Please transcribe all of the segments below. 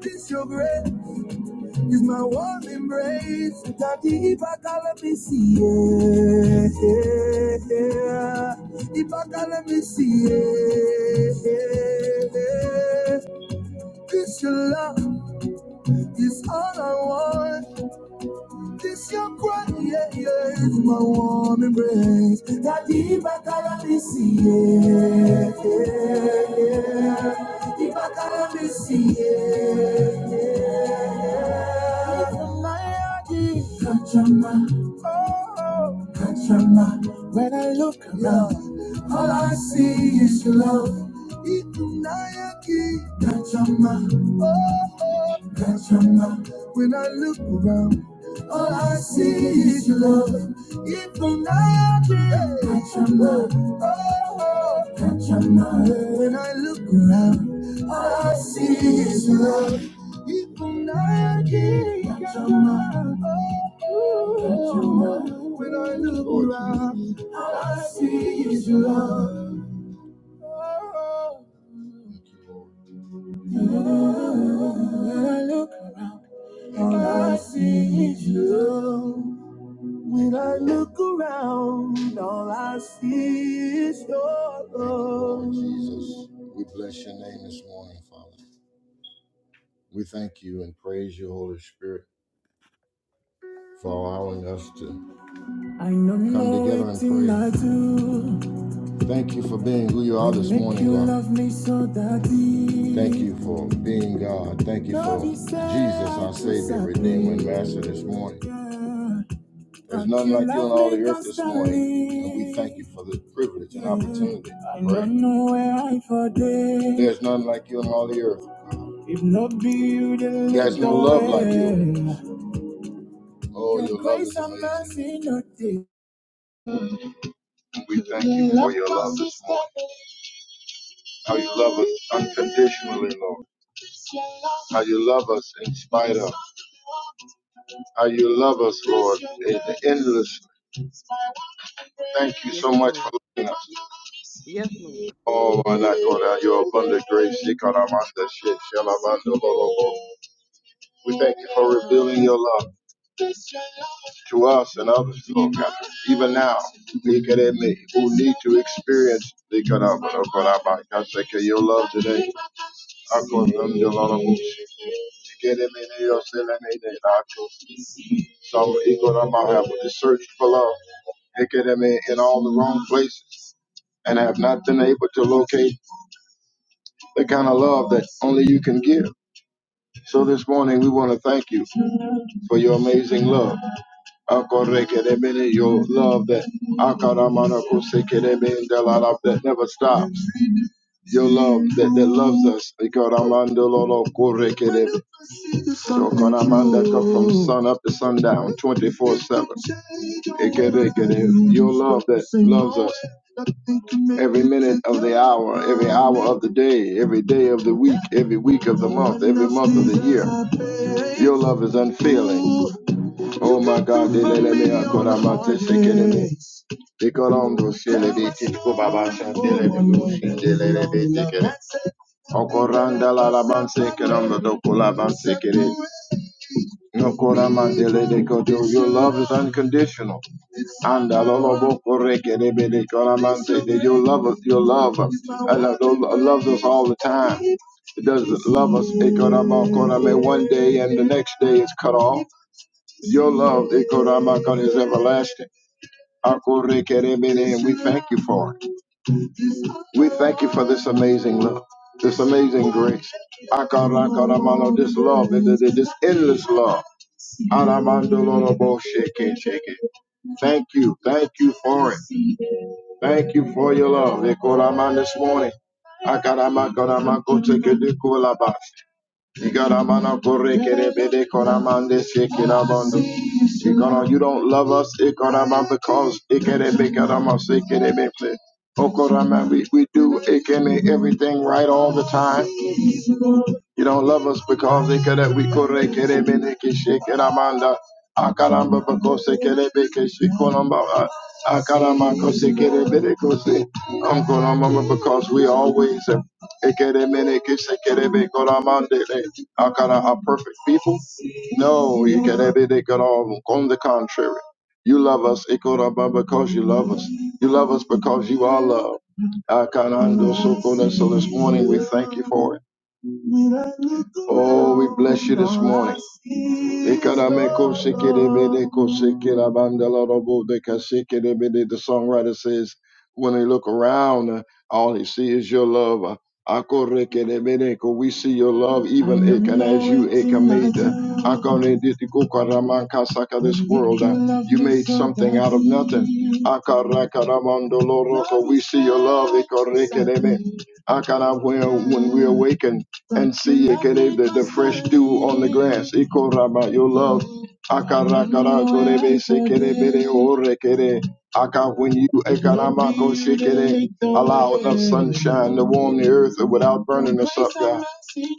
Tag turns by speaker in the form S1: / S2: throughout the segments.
S1: This your grace is my warm embrace. Daddy, if I can let me see it, yeah, yeah. if I can let me see it, yeah, yeah. this your love is all I want. This your grace, yeah, yeah, is my warm embrace. Daddy, if I can let me see it, yeah, yeah, yeah. if I can let me see it. oh, When I look around, all I see is your love. Ikunayaki. Kachama. Oh, oh. Kachama. When I look around. All I see is your love. Even I dream, catch your love. Oh, catch your love. When I look around, all I see is your love. Even I dream, catch your love. Oh, catch your love. When I look around, all I see is your love. Oh, when I look around, all I see is your love. When I look around, all I see is your love. Lord Jesus, we bless your name this morning, Father. We thank you and praise you, Holy Spirit, for allowing us to I know come together and pray. I pray. do. Thank you for being who you are this Make morning, you God. love me so that Thank you deep. for being God. Thank you Love for is Jesus, our Savior, Redeemer, and Master this morning. sacrificial. There's none like you on all the earth this morning, and we thank you for the privilege and opportunity. to There's none like you on all the earth. If not be you, there's no love like you. Oh, your love is amazing. we thank you for your love this morning. How you love us unconditionally, Lord. How you love us in spite of. How you love us, Lord, endlessly. Thank you
S2: Yes,
S1: so much for
S2: Lord.
S1: loving us.
S2: Yes, Lord.
S1: Oh, my God, God, your abundant grace. Shikalamanda, shikalamanda, lolobo. We thank you for revealing your love to us and others, Lord God. Even now, look at me, who need to experience the God of God. Nikarabara, Baraba, Kaseke, your love today. I go to the Lord of Akonanda, lolobo. Shikereme, yoseleme, de, Ako. Some Ikorama to my help to search for love. Look at me in all the wrong places and have not been able to locate the kind of love that only you can give. So this morning, we want to thank you for your amazing love. Akorekedebene, Your love that akaramanakosekedebe, the love that never stops. Your love that, that loves us. Ikoramandololokorekedebe. So Kanamandaka from sun up to sundown, 24 7. Your love that loves us every minute of the hour, every hour of the day, every day of the week, every week of the month, every month of the year. Your love is unfailing. Oh my God, they let me out. Kora mate sekelebe. Dekorando shelebe tiko baba shandelebe bo shandelebe tekele. Okoranda la la banse keramba doko la banse kere. Nokora mandele deko do. Your love is unconditional. Anda lo lo boko reke rebe dekora manse. That Your love, your love, us. and I love us all the time. It doesn't love us. It cut off, cut off, and One day and the next day is cut off. Your love, Ikoramakon, is everlasting. Akorekerebene, And we thank you for it. We thank you for this amazing love, this amazing grace. Akarakaramano, This love, this endless love. Aramandolorobo, Shake it, shake it. Thank you. Thank you for it. Thank you for your love. Ikoraman this morning. Akaramakoramako, tekedekolabash. Ikaramana korekere bede koramande sekirabondo. Ikara, you don't love us, Ikarama, because Ikerebe Karama Sekerebe. Okorama, we, we do Ikeme everything right all the time. You don't love us because they could that we kore kere bene ke shake it amanda. Akaramba bakose kere beke shikolamba. Akaramba kose kere bene kose. Unkolamba because we always have. Ekere mene ke shekere be koramande le. Akara are perfect people. No, you can have all. On the contrary, you love us ikoramba because you love us. You love us because you are love. Akarando sokona. So so, so this morning we thank you for it. Oh, we bless you this morning. The songwriter says, when they look around, uh, all they see is your love. Uh, We see your love even ekan as you eka made. uh, This world, uh, you made something out of nothing. We see your love. ikorekerebe. Akara, When when we awaken, and see Ekere, the, the fresh dew on the grass. Iko Rama, your love. Akarakara korebe sekere bere orekere. Aka when you ekaramako shekere, allow enough sunshine to warm the earth without burning us up, God.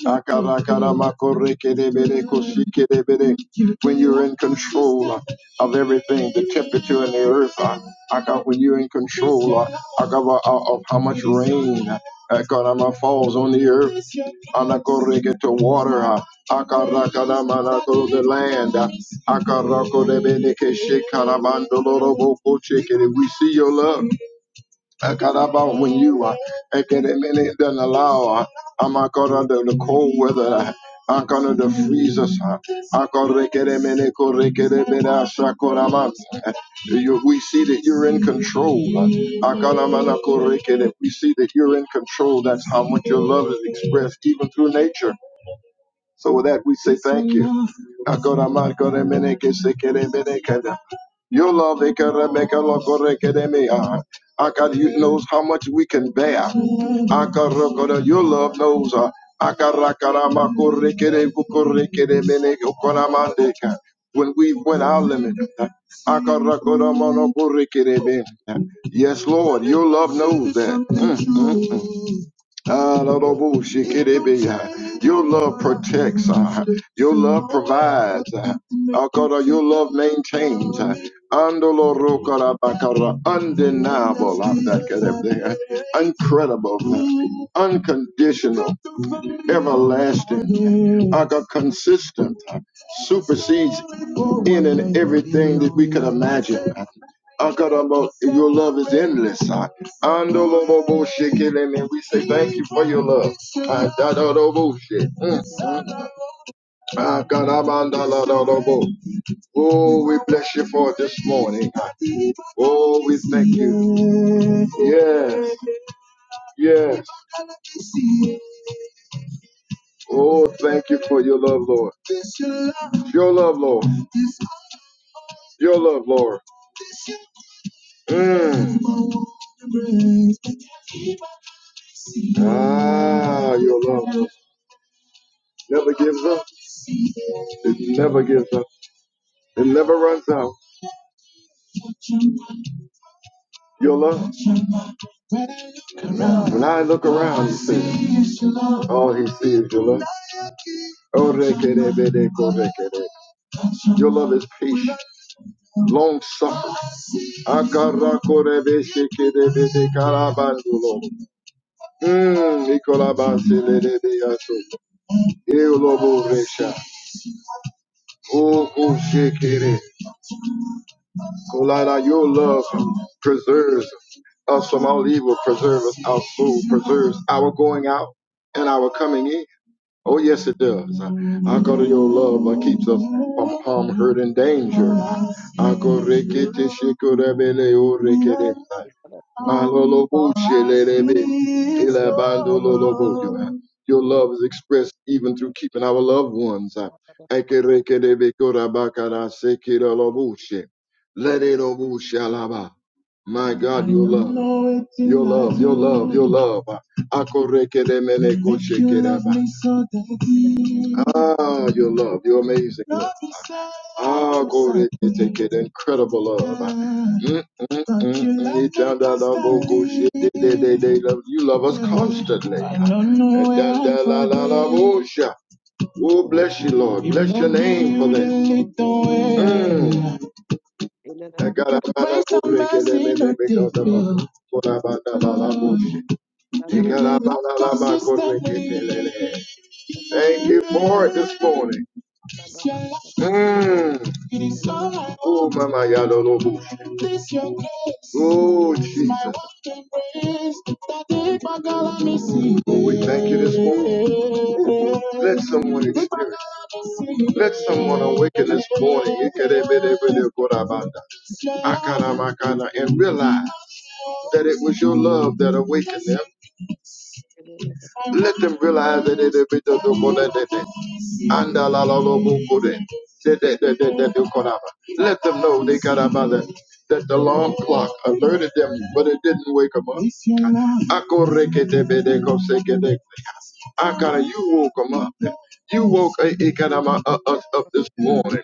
S1: Akarakaramakore rekere bere koshikere bere. When you're in control of everything, the temperature in the earth. I got when you're in control, uh, uh, God, uh, uh, of how much rain, uh, uh, God, um, uh, falls on the earth, uh, God, uh, get to water, uh, uh, God, uh, God, um, uh, to the land. uh, uh, God, uh, God, uh, we see your love. I got about when you are. I get a minute then allow I'm not gonna the cold weather I'm gonna the freezers I'm gonna get a uh, you, we see that you're in control I got we see that you're in control that's how much your love is expressed even through nature so with that, we say thank you. Agora mar gore mene Your love, it can make ah. Ah, you knows how much we can bear. Ah, oh, oh, Your love knows. ah. Ah, God, ah, ah, When we went our limit. ah. Ah, ah, ah, no Yes, Lord, your love knows that. Mm, mm, mm. Ah, Lord la, boo, she get it, baby. Your love protects. ah. Your love provides. ah. Ah, God, ah, Your love maintains. ah. Ando lo
S2: Yes,
S1: roca
S2: Lord.
S1: la Undeniable. I'm back at everything. Uh, Incredible. Uh, Unconditional. Everlasting are co- consistent, uh, supersedes in and everything that we could imagine. Uh, God, I'm a- Your love is endless. uh. Ando lo lo bo shi ke me. We say thank you for your love. Uh, da da do bo shi. Mm,
S2: Thank you, Lord.
S1: mm. Ah,
S2: Thank you, Lord.
S1: I'm on da da da da bo. Oh, we bless you for it this morning. uh. Oh, we thank you. Yes, yes. Oh, thank you for your love, Lord. Your love, Lord. Your love, Lord. Mm. Ah, your love Lord. never gives up. It never gives up. It never runs out. Your love. When I look around, you see, all he sees is your love. Oh, rekere, bede, korekere. Your love is patient. long suffering. Akarakorebeshekerebedekarabandolo. Mm, Ikolabaselelebeyaso. Eoloboresha. Okoshekere. Kolala, Your love preserves us from all evil, preserves our soul, preserves our going out and our coming in. Oh, yes, it does. I go to Your love uh, keeps us from harm, hurt, and danger. I Akorekete shekorebele orekere.
S2: Yes, Lord.
S1: Malolobo shelelebe, elabandololobo. Your your love is expressed even through keeping our loved ones. uh, ekerekedebe korabakara sekeroloboshe, lederoboshalaba. My God, your love, your love, your love, your love. Akorekelemene koshekeraba.
S2: Yes,
S1: Ah, your love, your amazing love. Ah, glory to God, incredible love. Mm, mm, mm, mm. Itandalabokoshetededede. You love us constantly. Itandalalalabosha. Oh, bless you, Lord. Bless your name for that. Mm. Because of Thank you for it this morning. Mm. Oh, Mama Yadolobu. Oh, Jesus. Oh, we thank you this morning. Let someone experience. Let someone awaken this morning Ikerebelebelekorabanda. Akaramakana, and realize that it was your love that awakened them. Let them realize that they with the Dumunanete and the Lalalobukure. Let them know they got about that. That the alarm clock alerted them, but it didn't wake them up. Akoreketebedekoseke. I gotta, you woke 'em up. You woke uh, it got uh, us up this morning.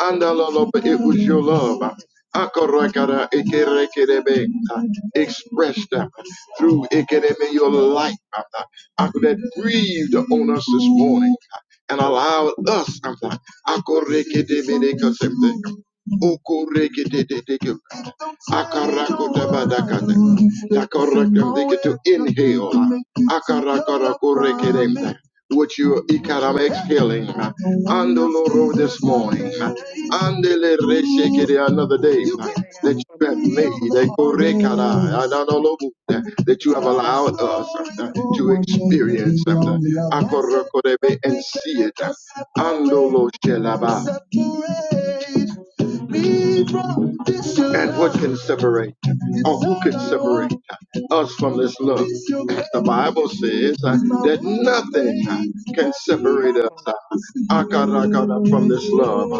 S1: And
S2: yes,
S1: uh, Lord, but it was your love. I gotta, got uh, Expressed uh, through it your life. Uncle, that breathed on us this morning and allowed us Uncle, Uncle, rekedebedekasemde, okorekedededeke, akarakotabadakate, takarakadeke, to inhale. Akarakarakorekedemde with your economic healing. Andoloro this morning. Andele reshekere another day that you
S2: Lord.
S1: have made. Ekorekara anadolobu, eh, That you have allowed us eh, to experience eh,
S2: Yes.
S1: Akorokorebe and see it. Andolo shelaba. And what can separate, or who can separate us from this love? The
S2: Yes.
S1: Bible says uh, that nothing uh, can
S2: that yes,
S1: separate us
S2: Lord,
S1: uh,
S2: yes, Lord,
S1: akaragada, from this love.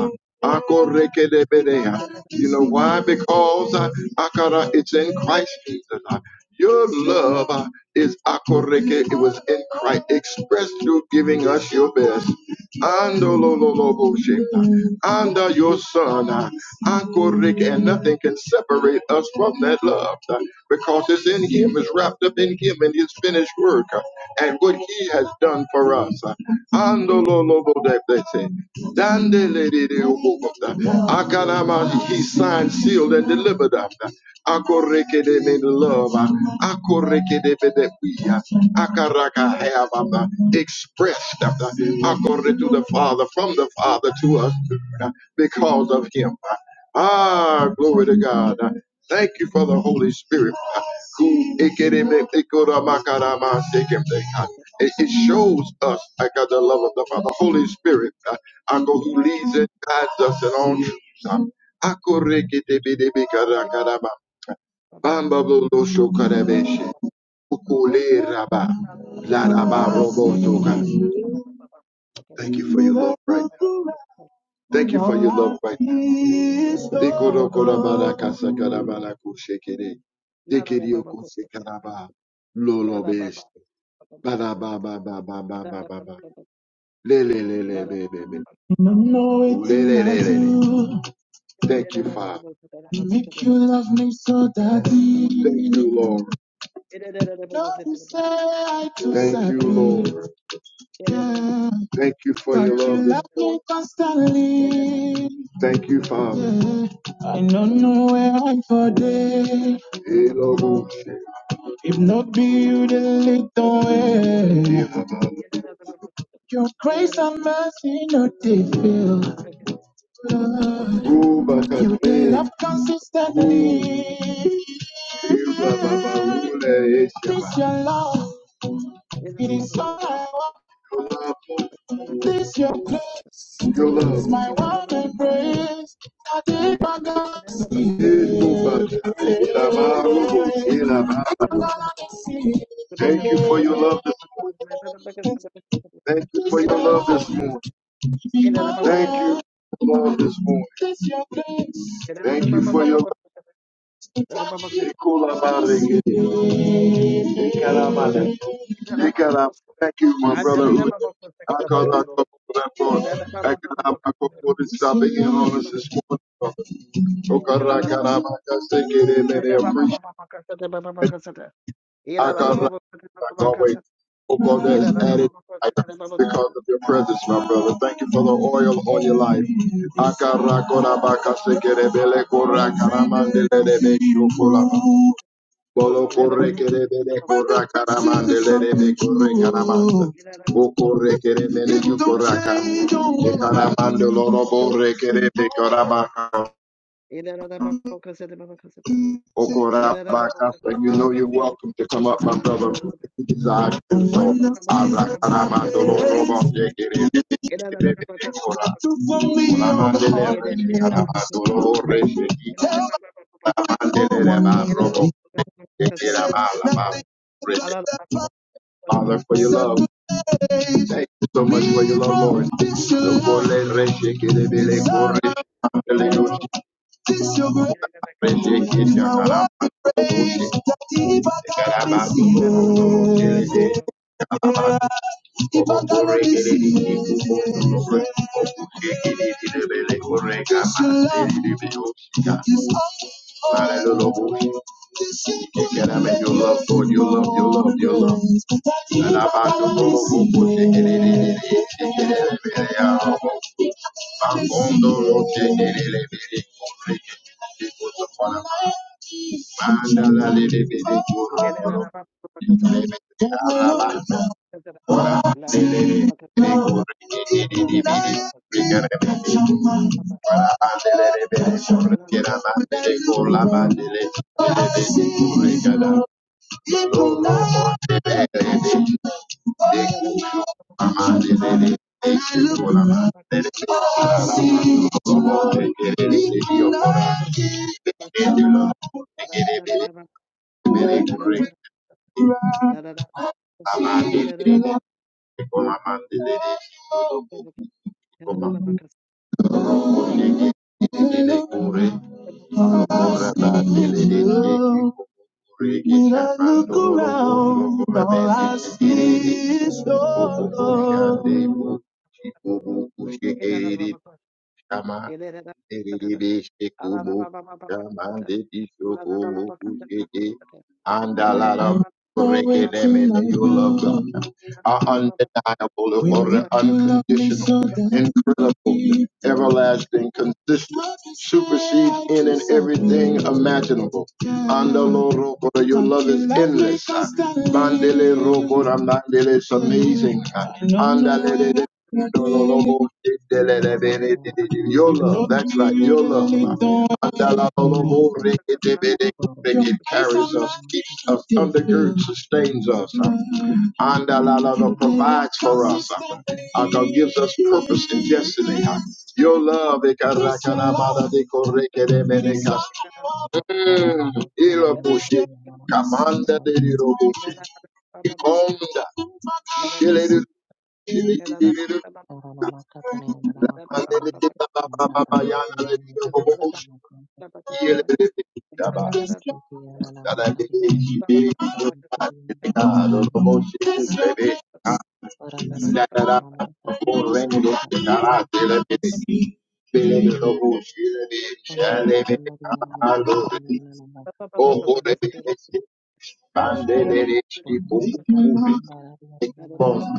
S1: uh, akorekedebedea. You know why? Because uh, akara, it's in Christ Jesus. uh, your love is akoreke. It was in Christ expressed through giving us your best. Andolololoboshe. Under your son, uh, akoreke, and nothing can separate us from that love uh, because it's in him, it's wrapped up in him and his finished work uh, and what he has done for us. uh, Andolo lobo de blessing. Dandele de de obokota. Akanama, he signed, sealed, and delivered up. Akoreke de me the love. Akoreke de be de we. Akaraka have um, expressed um, according to the Father, from the Father to us because of him. Ah, glory to God. I Thank you for the Holy Spirit. who It it shows us, I got the love of the Father, Holy Spirit, uh, I go
S2: Yes,
S1: who
S2: yes,
S1: leads and guides us in all truth. Um, I go reke Bamba bo lo Ukule raba. La robo soka. Thank you for your love, right? Thank you for your love right now. No, no, Thank you, Father. make you love me so that Thank you, Lord. Thank you, Lord.
S2: Yes,
S1: Thank you for
S2: Thank
S1: your love this morning. Thank you, Father. I don't know where I'm for day. Hey, oh, If not be you, the lead the Yeah, way. Your grace and mercy no they fail. Oh, You Hey, love consistently.
S2: you.
S1: you, Oh, This your love. It is all I want. This your place. Your love is my one embrace. I take my glass. Thank you for your love this morning. Thank you for your love this morning. Thank you for your love this morning. Thank you for your love. Ekara, Thank you, my
S2: And
S1: brother.
S2: then
S1: I
S2: I
S1: Uche. Akala Kopurapon. Ekara Makopuri stopping in on us this morning. Okara Karama just take it in and appreciate I call that I Akara Kakawe. God that's added because of your presence, my brother. Thank you for the oil on your life. Akara Korabaka Sekere Bele Kora Karama Dele Bolo corre que de de corra caramande le de corre caramanda.
S2: Ina
S1: O corre que de mene tu corra cam. E loro borre que de de corabaca. O corabaca. So you know you're welcome to come up, my brother. If you desire to do
S2: Ele
S1: so. Abra caramando loro borre que de de corra. Oramande le re caramando loro borre que de. Mande le re ma robo. Que quiera ma la ma. Father, for your love. Thank you so much for your love, Lord. Lokole reshe Hallelujah. You cannot make your love, Lord, your love, your love, your love. And I'm about to go Mandala Thank you. When I look
S2: Thank
S1: around, all I see is your love. I'm love, God, are undeniable, When unconditional, so incredible, everlasting, consistent, Love supersedes like in and so everything imaginable. Andalo your love is endless. Mandele constantly. it's
S3: Thank
S1: amazing. No, Andale no. No, no, no, no.
S2: Thank you.
S1: Your love, that's right, your love. It carries us, keeps us, undergirds, sustains us, Andalala provides for us, Aka gives us purpose and destiny. Your love, Ilobushi, Kamanda de
S3: you.
S1: Bandele,
S3: Por indicar samba la mapasa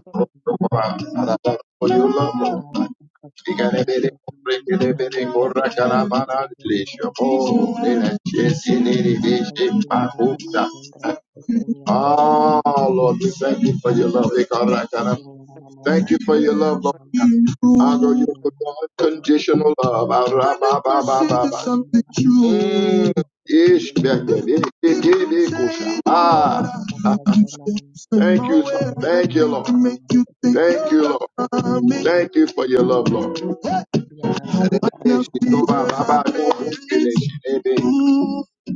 S3: para den
S1: Ikarabere
S3: graso
S1: korre
S3: ana
S1: bere korra
S3: yana makasa
S1: karabara
S3: yana mama kosa
S1: klesho bere chesini
S3: para le
S1: ribishi
S3: kuria ana
S1: mahuta.
S3: makendra sekeni ana mama kosa
S1: Oh, Lord, we thank you for your love. Ikarra karab.
S3: yana mama
S1: Thank you
S3: makasa
S1: for
S3: ana
S1: your love,
S3: yana
S1: Lord.
S3: mama
S1: I
S3: kasi
S1: Father, you for
S3: karina
S1: your unconditional love.
S3: yana mama mama kasu
S1: Mm. Ish, Becca, eh, eh, eh, eh, Kusha.
S3: para
S1: Ah,
S3: basa yana
S1: thank
S3: basa
S1: you,
S3: ana yana
S1: thank
S3: mama
S1: you, Lord.
S3: kosa yana mama
S1: Thank you,
S3: kosa
S1: Lord. Thank you for your love, Lord.
S3: yana mama maka
S1: Shitoba baba kele shirebe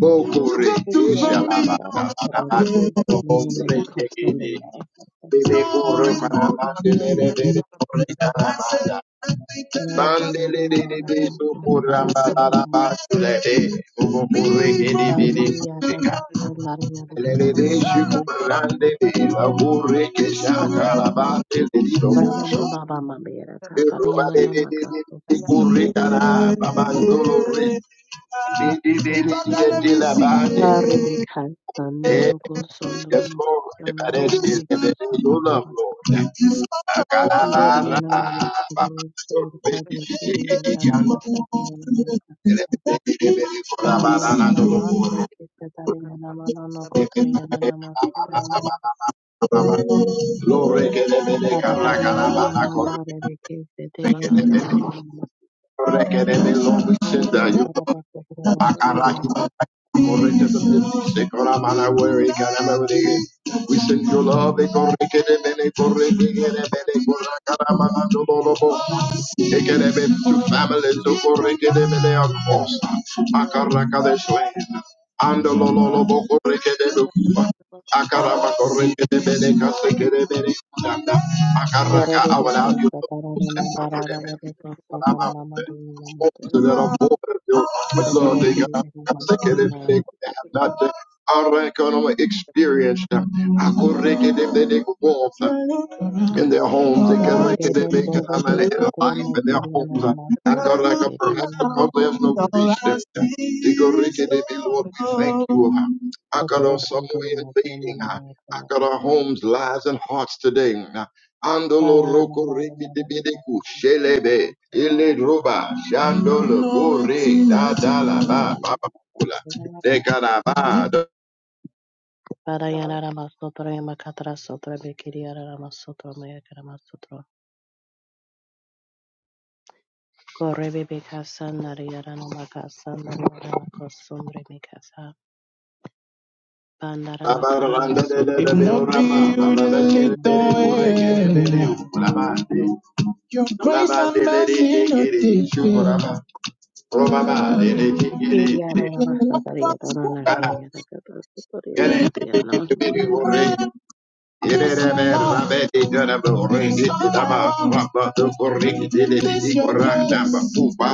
S1: bokore
S3: Ekuyarara
S1: shala
S3: barara
S1: baba
S3: kororo
S1: baba
S3: kese muriyana
S1: bokore
S3: nekotsonda
S1: shigede
S3: yara kasana
S1: bebe kore
S3: nekamara
S1: baba bandele
S3: nekotsonda
S1: rebe kore baba
S3: arara bandara
S1: bandele
S3: neyara
S1: rebe
S3: kasana
S1: sokora
S3: ramakondo
S1: baba baba
S3: ramakondo
S1: shirebe bokore gede bebe
S3: banderi yataka bandari yara
S1: kele rebe
S3: kasana romama
S1: shukurande
S3: makesana
S1: bebe kore keshaka baba bandele rebe
S3: ramama
S1: sokora
S2: Thank
S3: baba mabera kasana yana namakasana yara kasana
S1: baba baba Libadele misie.
S3: arebe kasana rokosondro
S1: Yes, Lord.
S3: mokosana rane
S1: You love, Lord. Kalabara.
S3: Nderiana
S1: Glory
S3: namakuru
S1: to
S3: serikali kuriana
S1: the Lord.
S3: namasadiana paraniana
S1: Kalabara. Glory
S3: namandre kesetariana namano kotariana namasotama
S1: to
S3: paraniana namandore keseteriana namano
S1: the Lord. We send
S3: paraniana
S1: you.
S3: rabakotrama
S1: We send
S3: sotama
S1: your love, we corre que de mene, corre que de mene, corre caramana, no lobo. Take it a bit to families, to corre que de mene across. Acaraca de shlane. And lo
S2: you.
S1: lo corre que de lupa. Acarama
S2: Hello.
S1: corre que de mene, case que de mene, danda.
S3: parebe
S1: I will have
S3: kesetarana namarara rekosomana mamadu
S1: you
S3: namate
S1: that are born of your lovely God.
S3: kotarakiriana
S1: I thank of that they
S3: namasama
S1: have not I reckon I'm experienced. them. I could reckon if they warmth in their homes. They can make it, they
S3: Paraleading
S1: make can
S3: Bobo
S1: have it in life
S3: Bokogramne
S1: in their
S3: Kirianana
S1: homes. I got
S3: Masana
S1: like a perhaps
S3: Kirinana
S1: because they have not
S3: Masana
S1: reached They go, Rick, they be, Lord, we thank you. I got on
S3: Potot
S1: some way of
S3: Undurma
S1: leading.
S3: Krumana
S1: I got our
S3: Krumana
S1: homes, lives, and hearts today. Andolo
S3: Parana
S1: roko riki tibidiku shelebe ile roba shandolo gore da da la ba ba ba kula de
S3: Parayana Masotra Makatra Sotra Bekiriara Masotra Mayakrama Sotra Korebe Bekasan Nariarana Makasan Nariarana Kosumre Mikasa Pandara
S1: It
S3: Makandra
S1: must be
S3: Sondro Kom
S1: you
S3: Bokogramne
S1: that lead the
S3: Krumana
S1: way.
S3: Krumana
S1: Your grace and mercy notified.
S3: na nira mama mama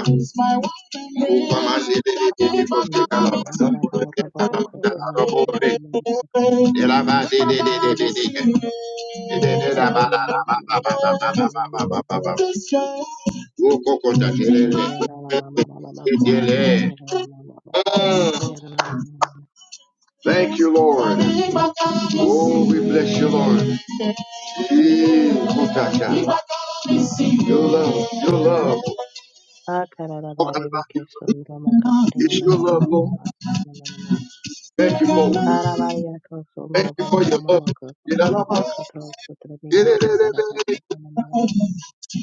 S1: It's my one
S2: The phone
S1: Oh,
S3: sene kata na mama mama mama mama mama sana nira nana mama mama boko sutoriata nana mama boko sutoriata nana mama
S1: Thank you, Lord. Oh, we bless you, Lord. Your love, your love.
S3: akara raba rebe ke sundra makata nira
S1: It's your
S3: nana
S1: love,
S3: mama.
S1: Lord.
S3: mama sana mama
S1: Thank you, Lord.
S3: para varia ko sundra
S1: Thank you
S3: mama
S1: for
S3: mama
S1: your
S3: mama. ko sana mama
S1: love.
S3: makata Iriyarara vasatariyarana keriyarakatasatarirakatiriyana kunamatara.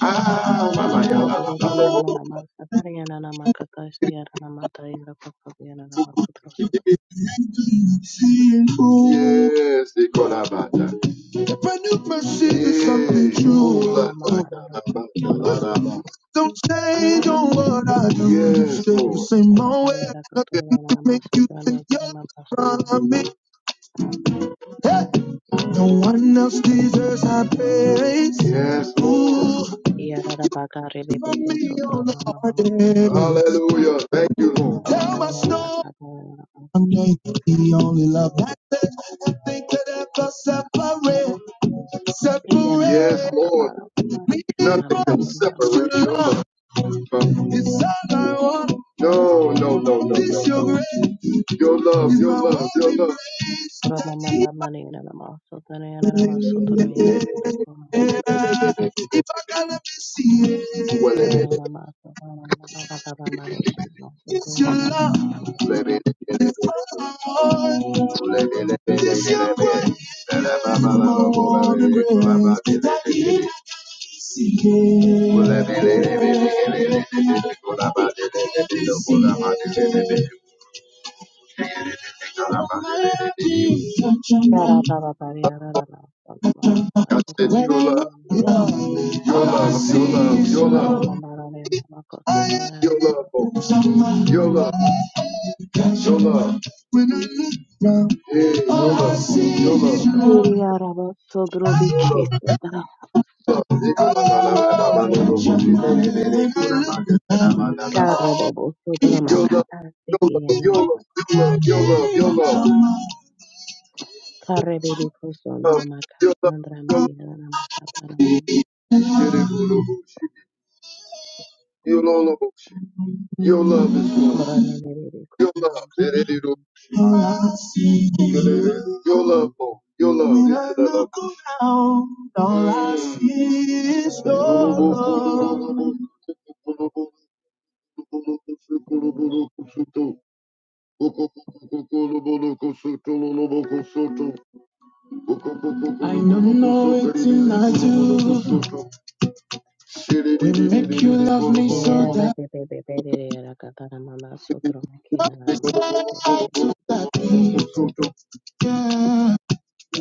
S1: Ah,
S3: Potoroki yana nama satari yana nama katashi yana nama taira kakari yana nama kutrosu
S1: Yes, they call her Bata. If I knew mercy is something Hey, true,
S3: yana nama mama yana kutrosu yana
S1: don't change
S3: kisi
S1: on
S3: yana
S1: what I do. You Yes, stay the Lord. same
S3: papa papa
S1: way.
S3: yana
S1: Nothing
S3: kutrosu yana
S1: to
S3: nama
S1: make you
S3: sutra
S1: think
S3: meke
S1: you're
S3: nama pasana
S1: from me. Hey, no one else deserves our praise. Yes, Ooh,
S3: yana nama bakari
S1: for
S3: bebe bebe
S1: me on
S3: sutra
S1: the
S3: mama
S1: hard
S3: mama
S1: day. Hallelujah. Thank you, Lord. Tell my story. I'm the only love that says nothing could ever separate. Separate. Yes, Lord. Nothing can separate your from It's No, no, no, no, no, your no. Your love, your love, your love. praise.
S3: Socorro,
S1: It's your love. It's what It's your grace. That it Your love, your love, your love, your love, your love, your love, your love, your love, your love. Your love is more. Your love. Your love more. Your
S3: me bebé, con la mano.
S1: love. Your love. All I see is your love. I don't know what I do. We make you love me so
S3: Yera be be be be de yera kata na mama sutro ma kina na na mato se
S1: daddy. Yeah,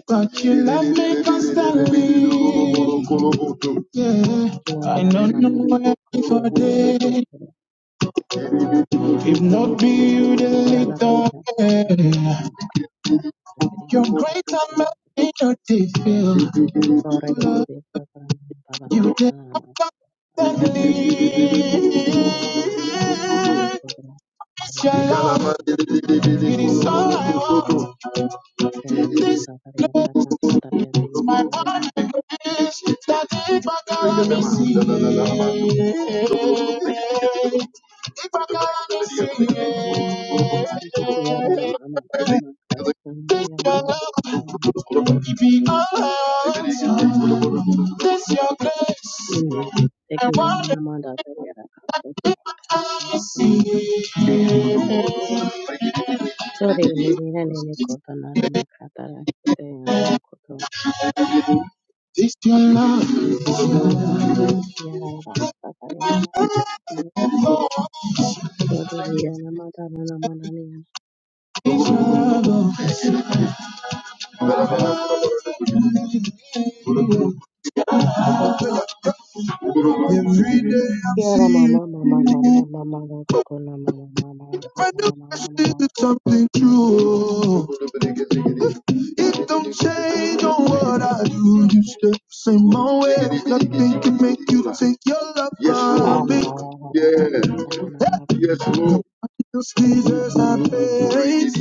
S1: but you love me constantly. Yeah,
S3: kina
S1: I
S3: na
S1: don't
S3: ma to te te. Ki na mama na
S1: know
S3: na
S1: where
S3: kutere
S1: for
S3: na na mato
S1: day.
S3: se
S1: If not be you, the
S3: para na
S1: little
S3: na ma to te re. Ba ra ra me yera na kutere
S1: yeah.
S3: na mato kiri
S1: You're
S3: na na
S1: great
S3: sutro na
S1: and in your day feel.
S3: ore be be
S1: Love
S3: be sutro na baba ma
S1: you
S3: kana na
S1: Suddenly, it's
S3: na ma sutro kina na na mato se na na kutere na na
S1: your
S3: me yera
S1: love.
S3: kutere na
S1: It is
S3: kutere
S1: all I want.
S3: yera na ma
S1: This
S3: sutro yera na ma sutro yera ye be
S1: one
S3: yera
S1: is that if I can see it, if I can see it,
S3: ye be yera na mama baba ma kana na yera
S1: your
S3: na ma
S1: love
S3: kutere
S1: will be all I want. This your grace, I
S3: Take care,
S1: want to
S3: Anna Amanda.
S1: see.
S3: Sorry, mirira nene koto nara makatara kite yana makoto kumarito yara rasta kare yana makoto sorry yana matara na manani yana yara mama mama mama mama koto kona mama mama
S1: If I
S3: kara
S1: knew
S3: na
S1: I
S3: mama
S1: said
S3: mama
S1: something true, it don't change on what I do. You step the same old way. Nothing can make you take your love yes, from Lord.
S3: amba
S1: me.
S3: rara rara rara rara
S1: Yeah,
S3: rara
S1: yes, Lord. Just Jesus, I praise.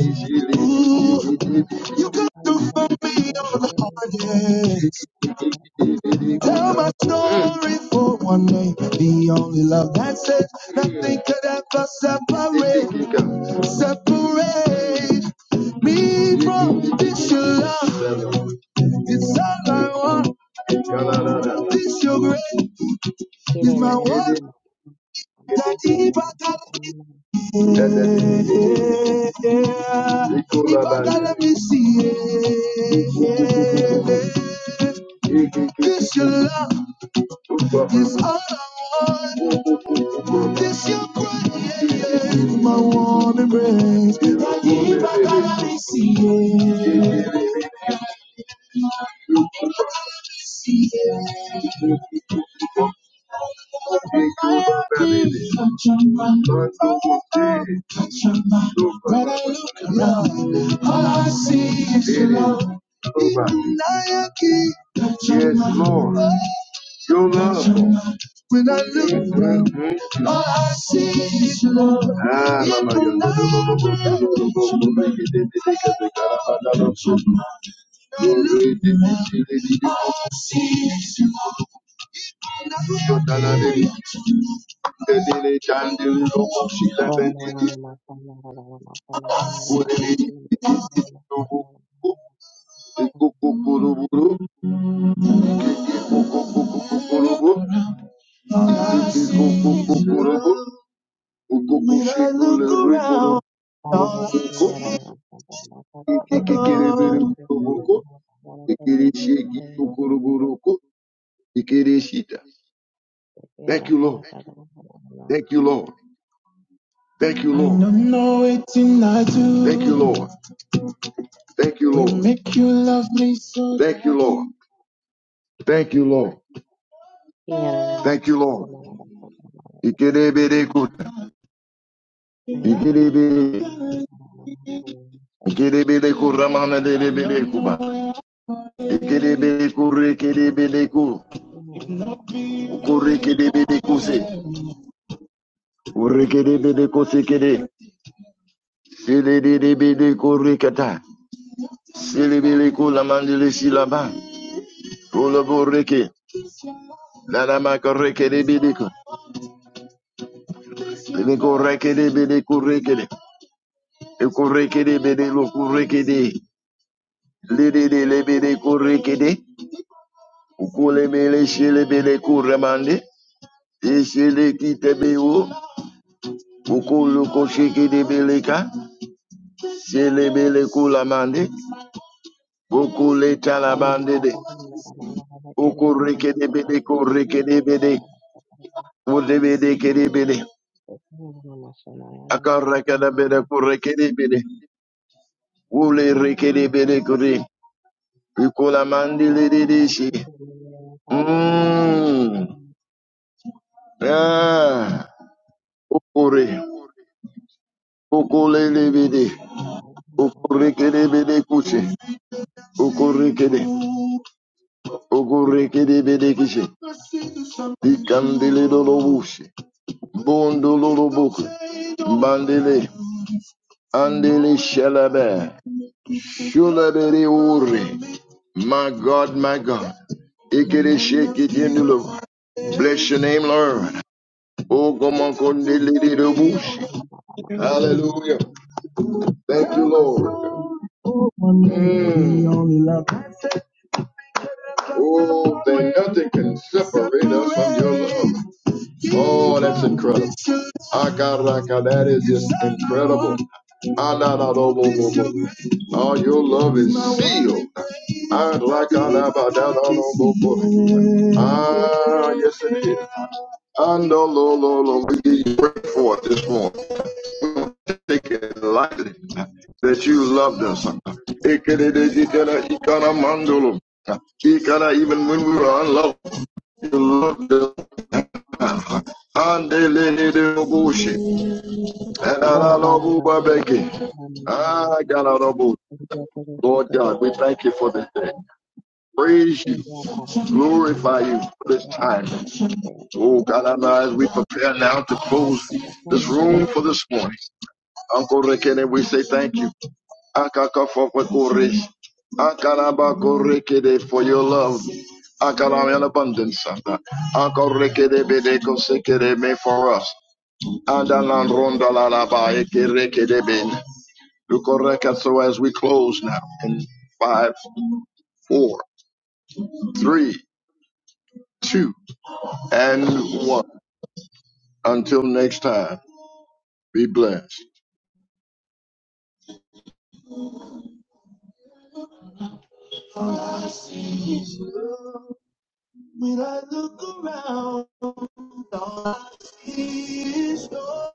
S3: kara
S1: Ooh,
S3: mama deke
S1: You
S3: yara
S1: can
S3: kara
S1: do
S3: rara
S1: for
S3: koto
S1: me all
S3: koto koto rara kara
S1: the
S3: kara
S1: hardest. Tell my story for one day. The only love that says nothing could ever separate, separate me from this your love. It's all I want. This your grace
S3: kire
S1: is my
S3: nene mama
S1: one
S3: mama
S1: that
S3: koto
S1: Ibakalami.
S3: koto
S1: Ibakalami see. This your love. This all I want is your praise, my one and praise. Raggiva Calarisia, Calarisia. When I look around, all I see is love. Yes, Lord. Your love. When I look around, Mhm. all I see is your love. Ah, It mama, will yo, do, When I look around, all I see is yo, da, la, love. de,
S3: Thank
S1: ko ekekekerebereburuko ekereshegitukoroboroko Thank you, Lord. Thank you, Lord. Thank you, I Lord. I don't know it in I do. Thank you, Lord. Thank you, Lord. make you love me so Thank you, Lord. Thank you, Lord. Thank you, Lord. Ikerebereku- ikerebe- ikerebereku I don't
S3: you.
S1: Silidibidi kurikata. Silibili kula mandili silaba. Kula buriki. Nana makareke de bidiko. Liko reke de bidi kureke de. Ukureke de bidi lukureke de. Lidi de lebidi kureke de. Ukule bele shile bele kuramande. Ishile kite bewo. Ukulu koshiki de beleka. Shile kula mande. Ukule talabande de. Ukureke de bidi kureke de bidi. Ulebede kerebede. Akarakada bede kurekerebede. Ule rekerebede kure. Ukola mandile dedeshi. Mmm. Ah. Ukure. Ukulelebede.
S3: Thank
S1: Ukurekerebede kuche. Ukurekede. Ukurekerebede kiche. Dikandile dolobushi. Bondololobuku. Bandele. Andele shalabe. Shula de de uri. My God, my God. Ikede shake it in the Bless your name, Lord. Oh, come on, come de de de Hallelujah. Thank you, Lord. Mm. Oh, that nothing can separate us from your love. Andele de robushi, And Andeleleleboshi. Elalobubabeki. Ah, Galalobo. Lord God, we thank you for this day. Praise you, glorify you for this time. Oh God, I'm as we prepare now to close this room for this morning. Uncle Rekene, we say thank you. Akakafofakores. Akarabakorekede for your love. Akaram in abundance. Akal Rekede, Akarekede bedekosekede me for us. Adalan ronda la la ba ekere kedebin. Lukoreka. So as we close now in five, four, three, two, and one. Until next time, be blessed. When I look around, all I see is joy.